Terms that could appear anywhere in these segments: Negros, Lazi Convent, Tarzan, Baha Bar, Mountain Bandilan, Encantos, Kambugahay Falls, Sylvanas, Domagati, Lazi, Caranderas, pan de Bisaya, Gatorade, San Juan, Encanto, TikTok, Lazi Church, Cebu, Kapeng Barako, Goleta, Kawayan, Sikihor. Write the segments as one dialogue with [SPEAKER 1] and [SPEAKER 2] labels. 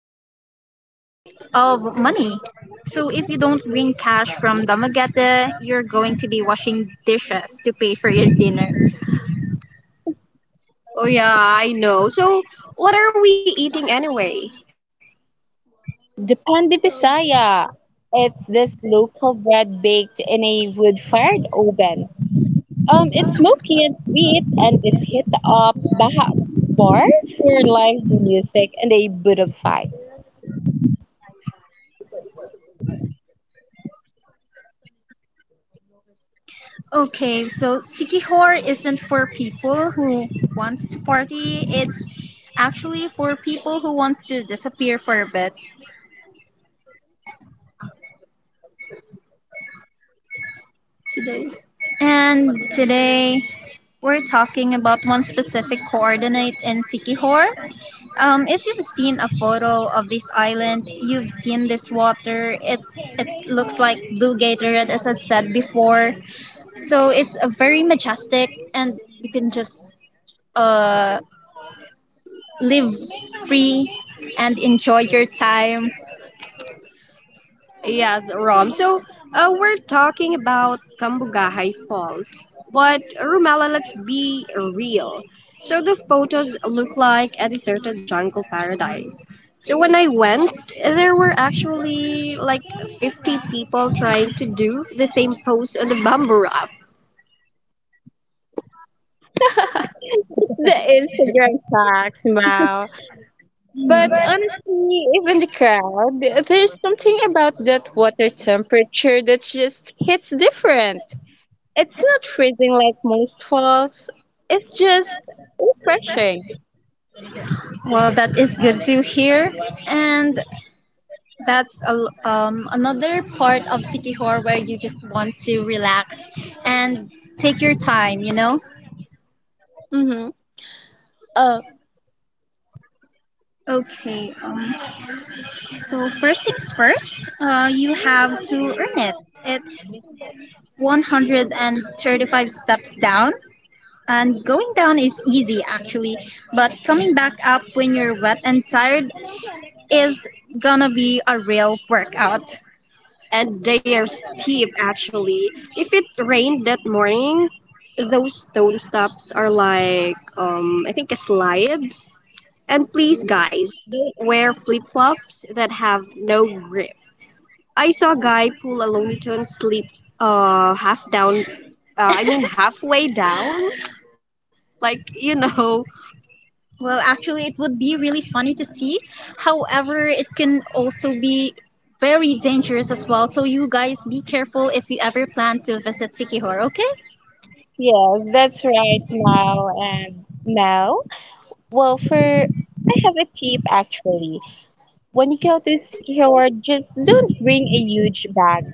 [SPEAKER 1] they frequently run out of money. So if you don't bring cash from Damagata, you're going to be washing dishes to pay for your dinner. Oh, yeah, I know. So, what are we eating anyway?
[SPEAKER 2] The pan de Bisaya. It's this local bread baked in a wood-fired oven. It's smoky and sweet, and it hit up Baha Bar for live music and a bit of fire.
[SPEAKER 1] Okay, so Sikihor isn't for people who wants to party. It's actually for people who wants to disappear for a bit. And today we're talking about one specific coordinate in Sikihor. If you've seen a photo of this island, you've seen this water. It looks like blue Gatorade, as I said before. So it's a very majestic, and you can just uh live free and enjoy your time. Yes, Rom. So we're talking about Kambugahay Falls. But Rumela, let's be real. So the photos look like a deserted jungle paradise. So when I went, there were actually like 50 people trying to do the same pose on the bamboo raft.
[SPEAKER 2] The Instagram tags, wow. But honestly, even the crowd, there's something about that water temperature that just hits different. It's not freezing like most falls. It's just refreshing.
[SPEAKER 1] Well, that is good to hear. And that's a, another part of Sikihor where you just want to relax and take your time, you know?
[SPEAKER 2] Mm-hmm. Oh,
[SPEAKER 1] Okay, so first things first, you have to earn it. It's 135 steps down, and going down is easy actually, but coming back up when you're wet and tired is gonna be a real workout. And they are steep, actually. If it rained that morning, those stone steps are like, I think a slide. And please, guys, don't wear flip flops that have no grip. I saw a guy pull a Looney Tunes slip, half down, I mean, halfway down. Like, well, actually, it would be really funny to see. However, it can also be very dangerous as well. So, you guys be careful if you ever plan to visit Sikihor, okay?
[SPEAKER 2] yes, that's right now and now. Well, for I have a tip actually. When you go to Sikihor, just don't bring a huge bag.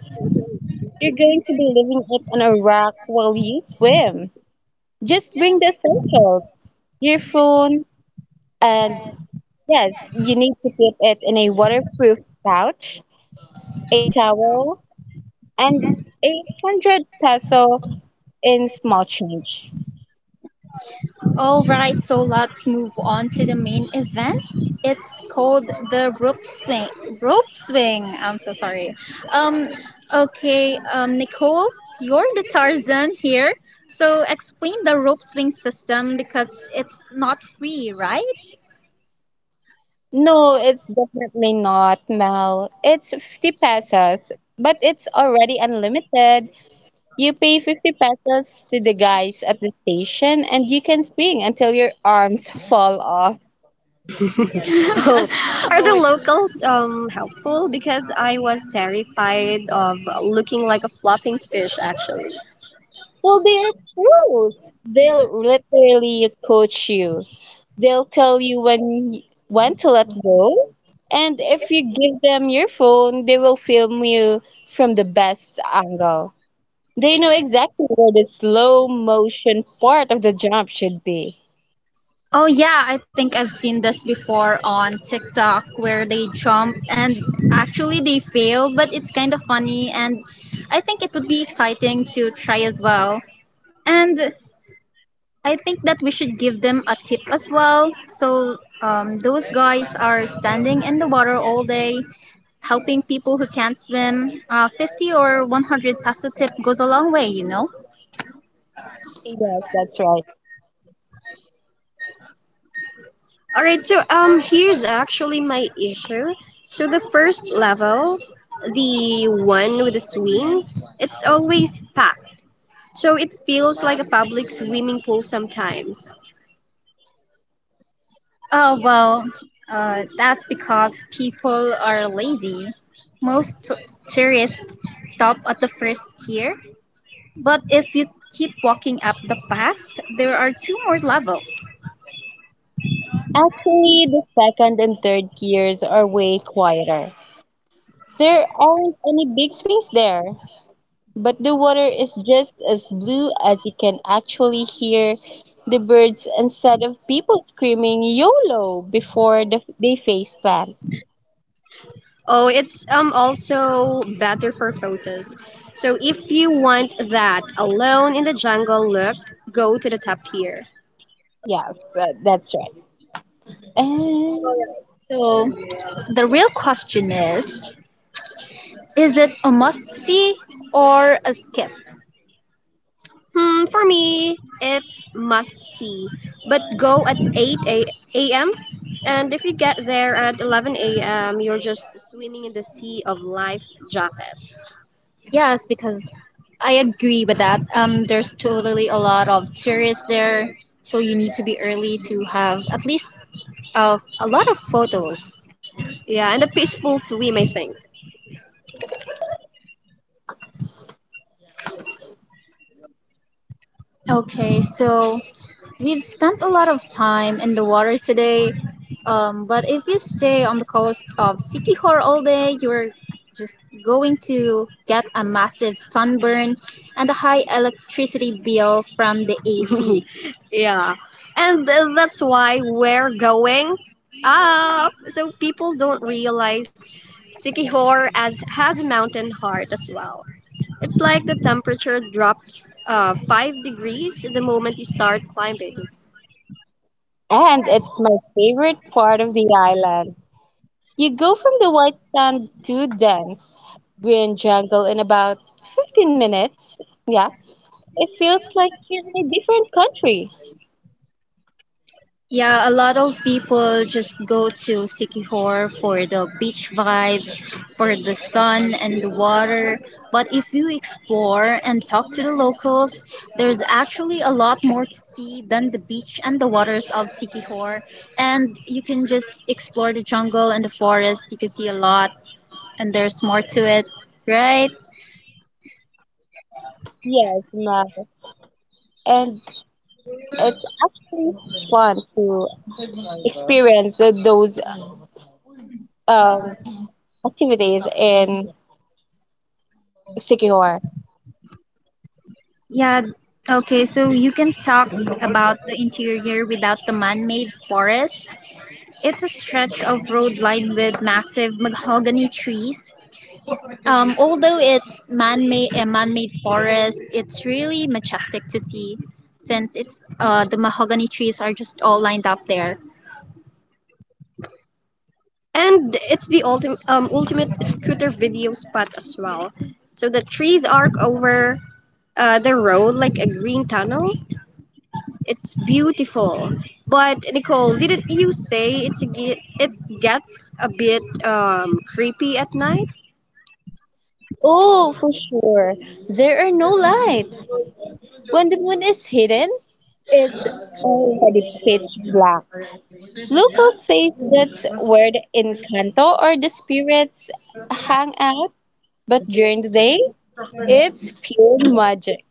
[SPEAKER 2] You're going to be leaving it on a rock while you swim. Just bring the essentials, your phone, and yes, you need to keep it in a waterproof pouch, a towel, and a 100 peso in small change.
[SPEAKER 1] All right, so let's move on to the main event. It's called the rope swing. Rope swing. I'm so sorry. Um, okay, Nicole, you're the Tarzan here. So explain the rope swing system because it's not free, right?
[SPEAKER 2] No, it's definitely not, Mel. It's 50 pesos, but it's already unlimited. You pay 50 pesos to the guys at the station and you can swing until your arms fall off.
[SPEAKER 1] Oh, are, oh, the my locals helpful? Because I was terrified of looking like a flopping fish actually.
[SPEAKER 2] Well, they're pros. They'll literally coach you. They'll tell you when to let go. And if you give them your phone, they will film you from the best angle. They know exactly where the slow motion part of the jump should be.
[SPEAKER 1] Oh yeah, I think I've seen this before on TikTok where they jump and actually they fail, but it's kind of funny and I think it would be exciting to try as well. And I think that we should give them a tip as well. So those guys are standing in the water all day, helping people who can't swim. 50 or 100 peso tip goes a long way, you know?
[SPEAKER 2] Yes, that's right.
[SPEAKER 1] All right, so here's actually my issue. So the first level, the one with the swing, it's always packed. So it feels like a public swimming pool sometimes. Oh, well, that's because people are lazy. Most tourists stop at the first tier, but if you keep walking up the path, there are two more levels.
[SPEAKER 2] Actually, the second and third gears are way quieter. There aren't any big swings there, but the water is just as blue as you can actually hear the birds instead of people screaming YOLO before the, they face plant.
[SPEAKER 1] Oh, it's also better for photos. So if you want that alone in the jungle look, go to the top tier.
[SPEAKER 2] Yes, that's right. And,
[SPEAKER 1] So the real question is it a must see or a skip? Hmm, for me, it's must see. But go at 8 a.m. And if you get there at 11 a.m., you're just swimming in the sea of life jackets. Yes, because I agree with that. There's totally a lot of tourists there, so you need to be early to have at least a lot of photos. Yeah, and a peaceful swim, I think. Okay, so we've spent a lot of time in the water today. But if you stay on the coast of Sikihor all day, you're just going to get a massive sunburn and a high electricity bill from the AC. Yeah. And that's why we're going up. So people don't realize Sikihor as has a mountain heart as well. It's like the temperature drops, 5 degrees the moment you start climbing.
[SPEAKER 2] and it's my favorite part of the island. You go from the white sand to dense green jungle in about 15 minutes. Yeah, it feels like you're in a different country.
[SPEAKER 1] Yeah, a lot of people just go to Sikihor for the beach vibes, for the sun and the water. But if you explore and talk to the locals, there's actually a lot more to see than the beach and the waters of Sikihor. And you can just explore the jungle and the forest. You can see a lot, and there's more to it, right?
[SPEAKER 2] Yes, Mel. And it's actually fun to experience those um, activities in Sikihor.
[SPEAKER 1] Yeah. Okay, so you can talk about the interior without the man made forest. It's a stretch of road lined with massive mahogany trees. Although it's man-made, a man-made forest, it's really majestic to see since it's the mahogany trees are just all lined up there. And it's the ultimate scooter video spot as well. So the trees arc over the road like a green tunnel. It's beautiful. But Nicole, didn't you say it gets a bit creepy at night?
[SPEAKER 2] Oh, for sure. There are no lights. When the moon is hidden, it's already pitch black. Locals say that's where the Encanto or the spirits hang out. But during the day, it's pure magic.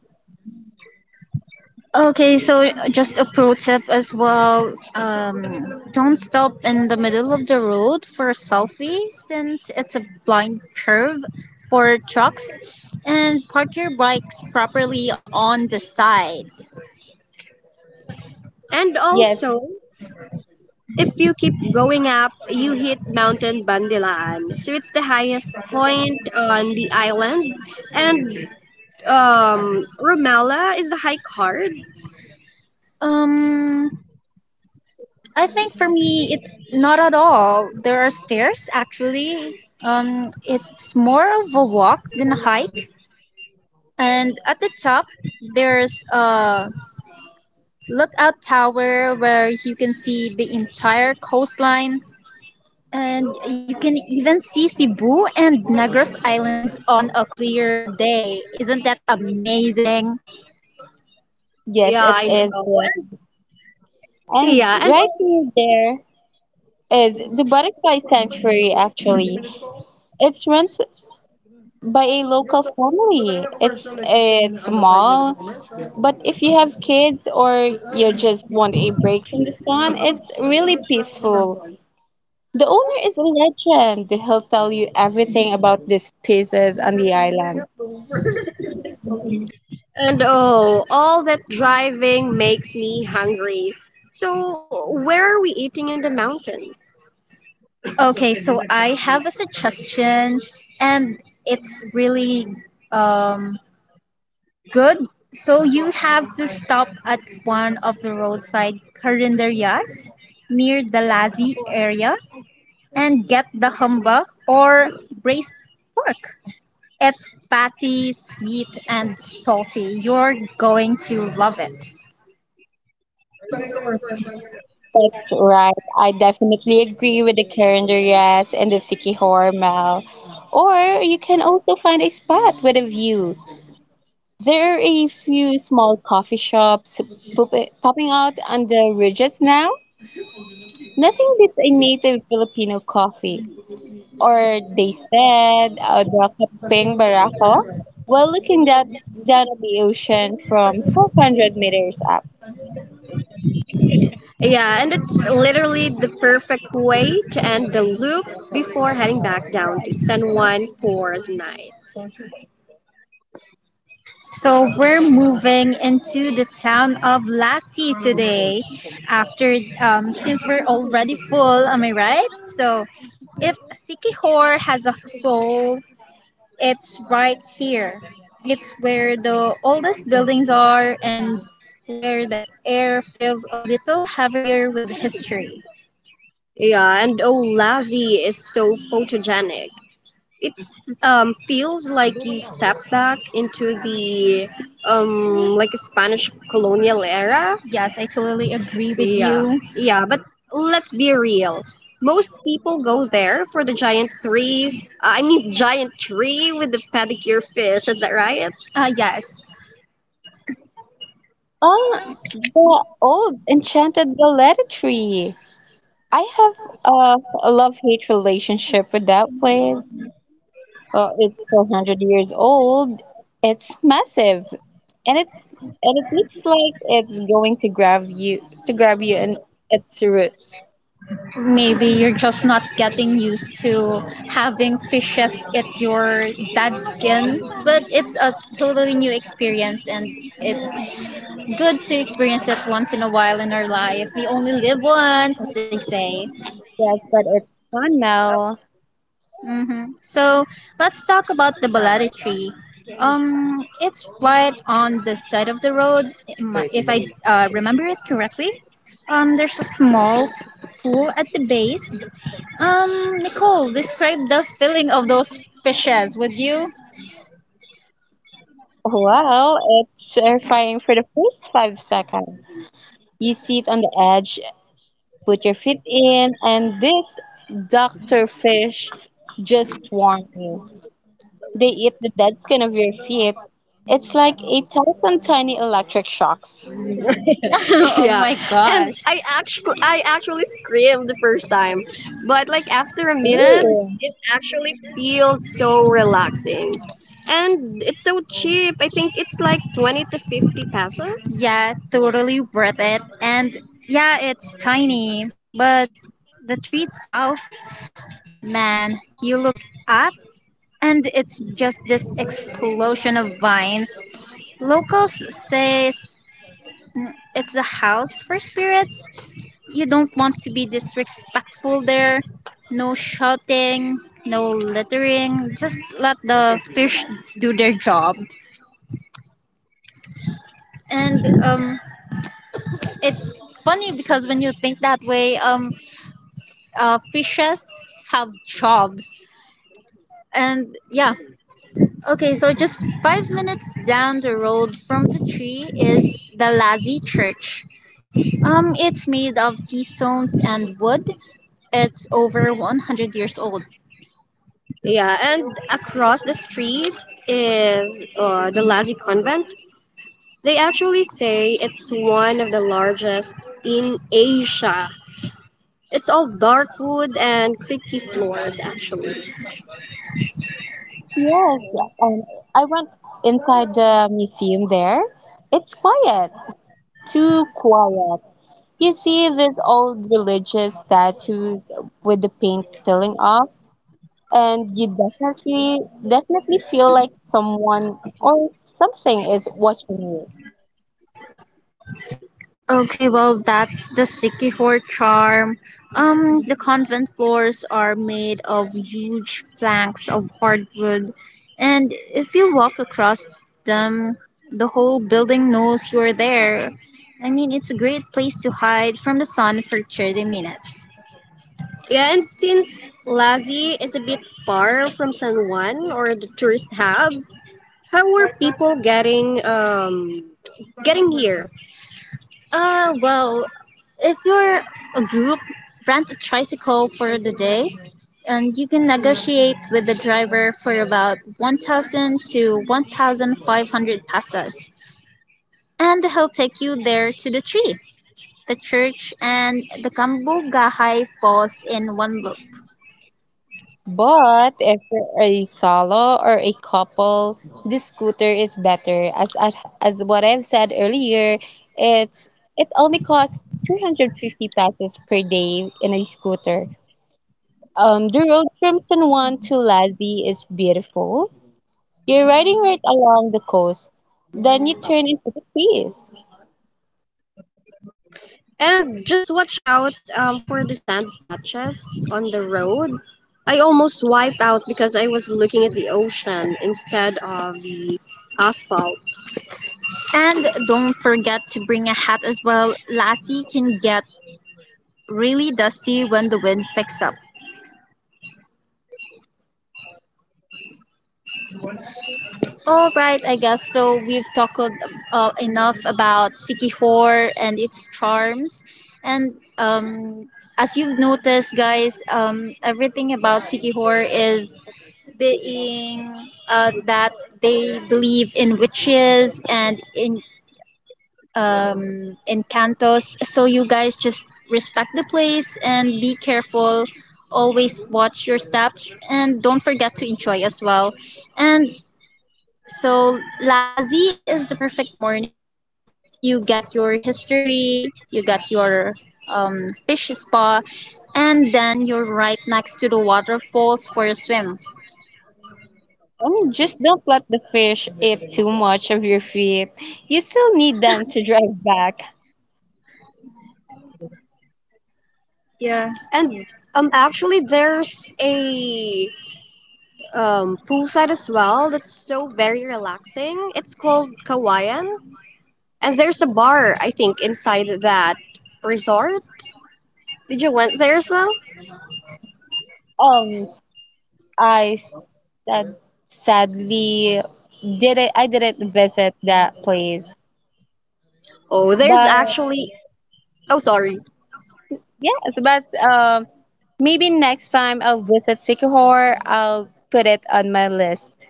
[SPEAKER 1] Okay, so just a pro tip as well. Don't stop in the middle of the road for a selfie since it's a blind curve for trucks and park your bikes properly on the side. And
[SPEAKER 2] Yes,
[SPEAKER 1] also, if you keep going up, you hit Mountain Bandilan. So it's the highest point on the island. And Romela is the high card. Um, I think for me, it not at all. There are stairs actually. It's more of a walk than a hike. And at the top, there's a lookout tower where you can see the entire coastline, and you can even see Cebu and Negros Islands on a clear day. Isn't that amazing?
[SPEAKER 2] yes,
[SPEAKER 1] Yeah,
[SPEAKER 2] it
[SPEAKER 1] I
[SPEAKER 2] is.
[SPEAKER 1] know. And,
[SPEAKER 2] And
[SPEAKER 1] yeah, and
[SPEAKER 2] right near there is the butterfly sanctuary actually. It's run by a local family. It's small, but if you have kids or you just want a break from the sun, it's really peaceful. The owner is a legend. He'll tell you everything about these pieces on the island.
[SPEAKER 1] And oh, all that driving makes me hungry. So, where are we eating in the mountains? Okay, so I have a suggestion, and it's really um, good. So you have to stop at one of the roadside carinderias near the Lazi area and get the humba or braised pork. It's fatty, sweet, and salty. You're going to love it.
[SPEAKER 2] That's right. I definitely agree with the Caranderas and the Sikihor Mall. Or you can also find a spot with a view. There are a few small coffee shops pop- popping out on the ridges now. Nothing beats a native Filipino coffee, or they said the Kapeng Barako, while looking that, down at the ocean from 400 meters up.
[SPEAKER 1] Yeah, and it's literally the perfect way to end the loop before heading back down to San Juan for the night. So we're moving into the town of Lassie today. After, since we're already full, am I right? So, If Sikihor has a soul, it's right here. It's where the oldest buildings are and where the air feels a little heavier with history. Yeah, and oh, Lassie is so photogenic. It feels like you step back into the like a Spanish colonial era. Yes, I totally agree with you. Yeah, but let's be real. Most people go there for the giant tree. I mean, giant tree with the pedicure fish. Is that right? Yes.
[SPEAKER 2] Ah, the old enchanted Goleta tree. I have a love hate relationship with that place. It's 400 years old. It's massive, and it's and it looks like it's going to grab you in its roots.
[SPEAKER 1] Maybe you're just not getting used to having fishes at your dad's skin, but it's a totally new experience and it's good to experience it once in a while in our life. We only live once, as they say.
[SPEAKER 2] Yes, but it's gone now.
[SPEAKER 1] Mm-hmm. So let's talk about the balati tree. It's right on the side of the road, if I remember it correctly. There's a small pool at the base. Nicole, describe the feeling of those fishes, would you?
[SPEAKER 2] Well, it's terrifying for the first 5 seconds. You sit on the edge, put your feet in, and this doctor fish just warn you. They eat the dead skin of your feet. It's like a 1,000 tiny electric shocks.
[SPEAKER 1] oh yeah. my And gosh. I actually screamed the first time. But like after a minute,
[SPEAKER 2] Ooh.
[SPEAKER 1] actually feels so relaxing. And it's so cheap. I think it's like 20 to 50 pesos. Yeah, totally worth it. And yeah, it's tiny, but the tree itself, man, you look up and it's just this explosion of vines. Locals say it's a house for spirits. You don't want to be disrespectful there. No shouting, no littering. Just let the fish do their job. And It's funny because when you think that way, fishes have jobs. And yeah, okay, so just 5 minutes down the road from the tree is the Lazi Church. It's made of sea stones and wood. It's over 100 years old. Yeah, and across the street is the Lazi Convent. They actually say it's one of the largest in Asia. It's all dark wood and creaky floors, actually.
[SPEAKER 2] Yes, um, I went inside the museum there. It's quiet, too quiet. You see these old religious statues with the paint peeling off, and you definitely feel like someone or something is watching you.
[SPEAKER 1] Okay, well, that's the Sikihor charm. The convent floors are made of huge planks of hardwood, and if you walk across them, the whole building knows you're there. I mean, it's a great place to hide from the sun for 30 minutes. Yeah, and since Lazi is a bit far from San Juan or the tourist hub, how were people getting here? Well, if you're a group, rent a tricycle for the day, and you can negotiate with the driver for about 1,000 to 1,500 pesos, and he'll take you there to the tree, the church, and the Kambugahay Falls in one look.
[SPEAKER 2] But if you're a solo or a couple, the scooter is better. As what I've said earlier, it's it only costs 350 pesos per day in a scooter. The road from San Juan to Lazi is beautiful. You're riding right along the coast. Then you turn into the trees.
[SPEAKER 1] And just watch out for the sand patches on the road. I almost wiped out because I was looking at the ocean instead of the asphalt. And don't forget to bring a hat as well. Lassie can get really dusty when the wind picks up. All right, I guess so. We've talked enough about Sikihor and its charms. And um, as you've noticed, guys, everything about Sikihor is being that they believe in witches and in Encantos. So you guys just respect the place and be careful. Always watch your steps and don't forget to enjoy as well. And so Lazi is the perfect morning trip. You get your history, you get your fish spa, and then you're right next to the waterfalls for a swim.
[SPEAKER 2] Just don't let the fish eat too much of your feet. You still need them to drive back.
[SPEAKER 1] Yeah, and actually, there's a poolside as well. That's so very relaxing. It's called Kawayan, and there's a bar I think inside that resort. Did you went there as well?
[SPEAKER 2] Um, I s- sad, sadly didn't I didn't visit that place.
[SPEAKER 1] Oh, there's
[SPEAKER 2] But
[SPEAKER 1] actually. Oh, sorry.
[SPEAKER 2] yes, but um maybe next time I'll visit Sikihor, I'll put it on my list.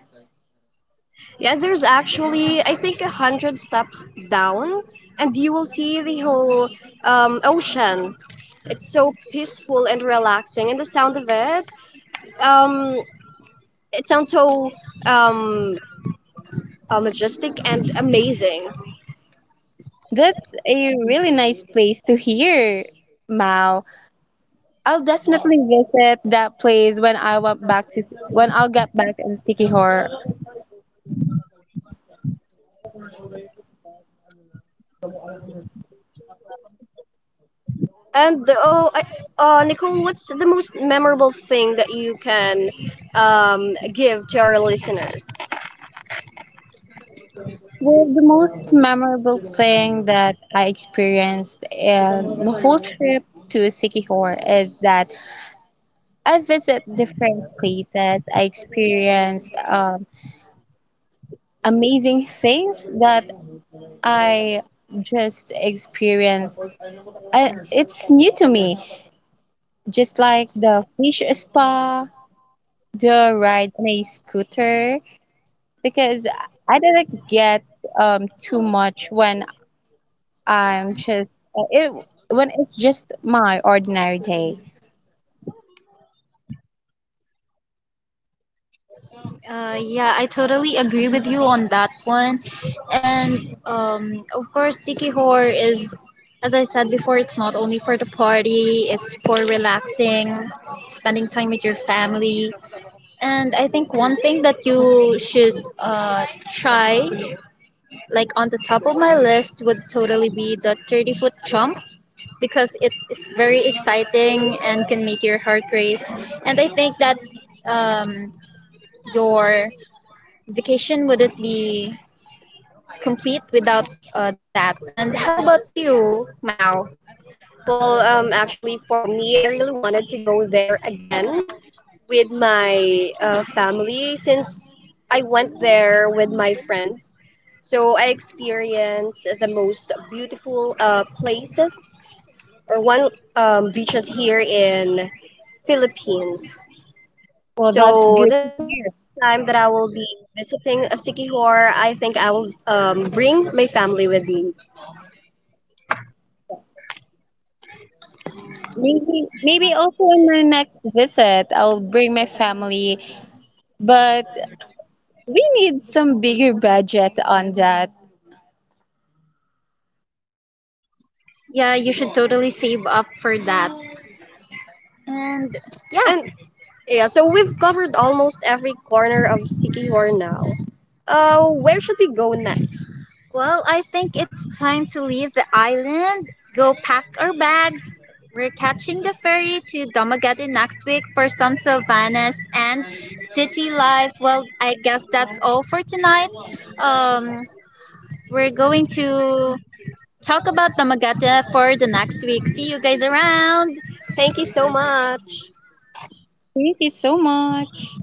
[SPEAKER 1] Yeah, there's actually I think 100 steps down, and you will see the whole ocean. It's so peaceful and relaxing, and the sound of it. Um, it sounds so um, majestic and amazing.
[SPEAKER 2] That's a really nice place to hear, Mao. I'll definitely visit that place when I went back to when I'll get back in Sikihor.
[SPEAKER 1] And the, oh, I, Nicole, what's the most memorable thing that you can give to our listeners?
[SPEAKER 2] Well, the most memorable thing that I experienced in the whole trip to Sikihor is that I visit different places. I experienced amazing things that I just experienced. I, it's new to me, just like the fish spa, the ride on a scooter, because I didn't get too much when I'm just it when it's just my ordinary day.
[SPEAKER 1] Yeah, I totally agree with you on that one. And Of course, Sikihor is, as I said before, it's not only for the party, it's for relaxing, spending time with your family. And I think one thing that you should uh, try, like on the top of my list, would totally be the 30-foot jump. Because it is very exciting and can make your heart race. And I think that um, your vacation wouldn't be complete without that. And how about you, Mao? Well, actually, for me, I really wanted to go there again with my family since I went there with my friends. So I experienced the most beautiful places or one beaches here in Philippines.
[SPEAKER 2] Well, that's
[SPEAKER 1] So
[SPEAKER 2] good
[SPEAKER 1] the
[SPEAKER 2] to
[SPEAKER 1] next
[SPEAKER 2] hear.
[SPEAKER 1] time that I will be visiting a Sikihor, I think I will bring my family with me.
[SPEAKER 2] Maybe also in my next visit I'll bring my family, but we need some bigger budget on that.
[SPEAKER 1] Yeah, you should totally save up for that. And yeah, Yeah, so we've covered almost every corner of Sikihor now. Where should we go next? Well, I think it's time to leave the island, go pack our bags. We're catching the ferry to Domagati next week for some Sylvanas and city life. Well, I guess that's all for tonight. Um, we're going to talk about Domagati for the next week. See you guys around. Thank you so much.
[SPEAKER 2] Thank you so much.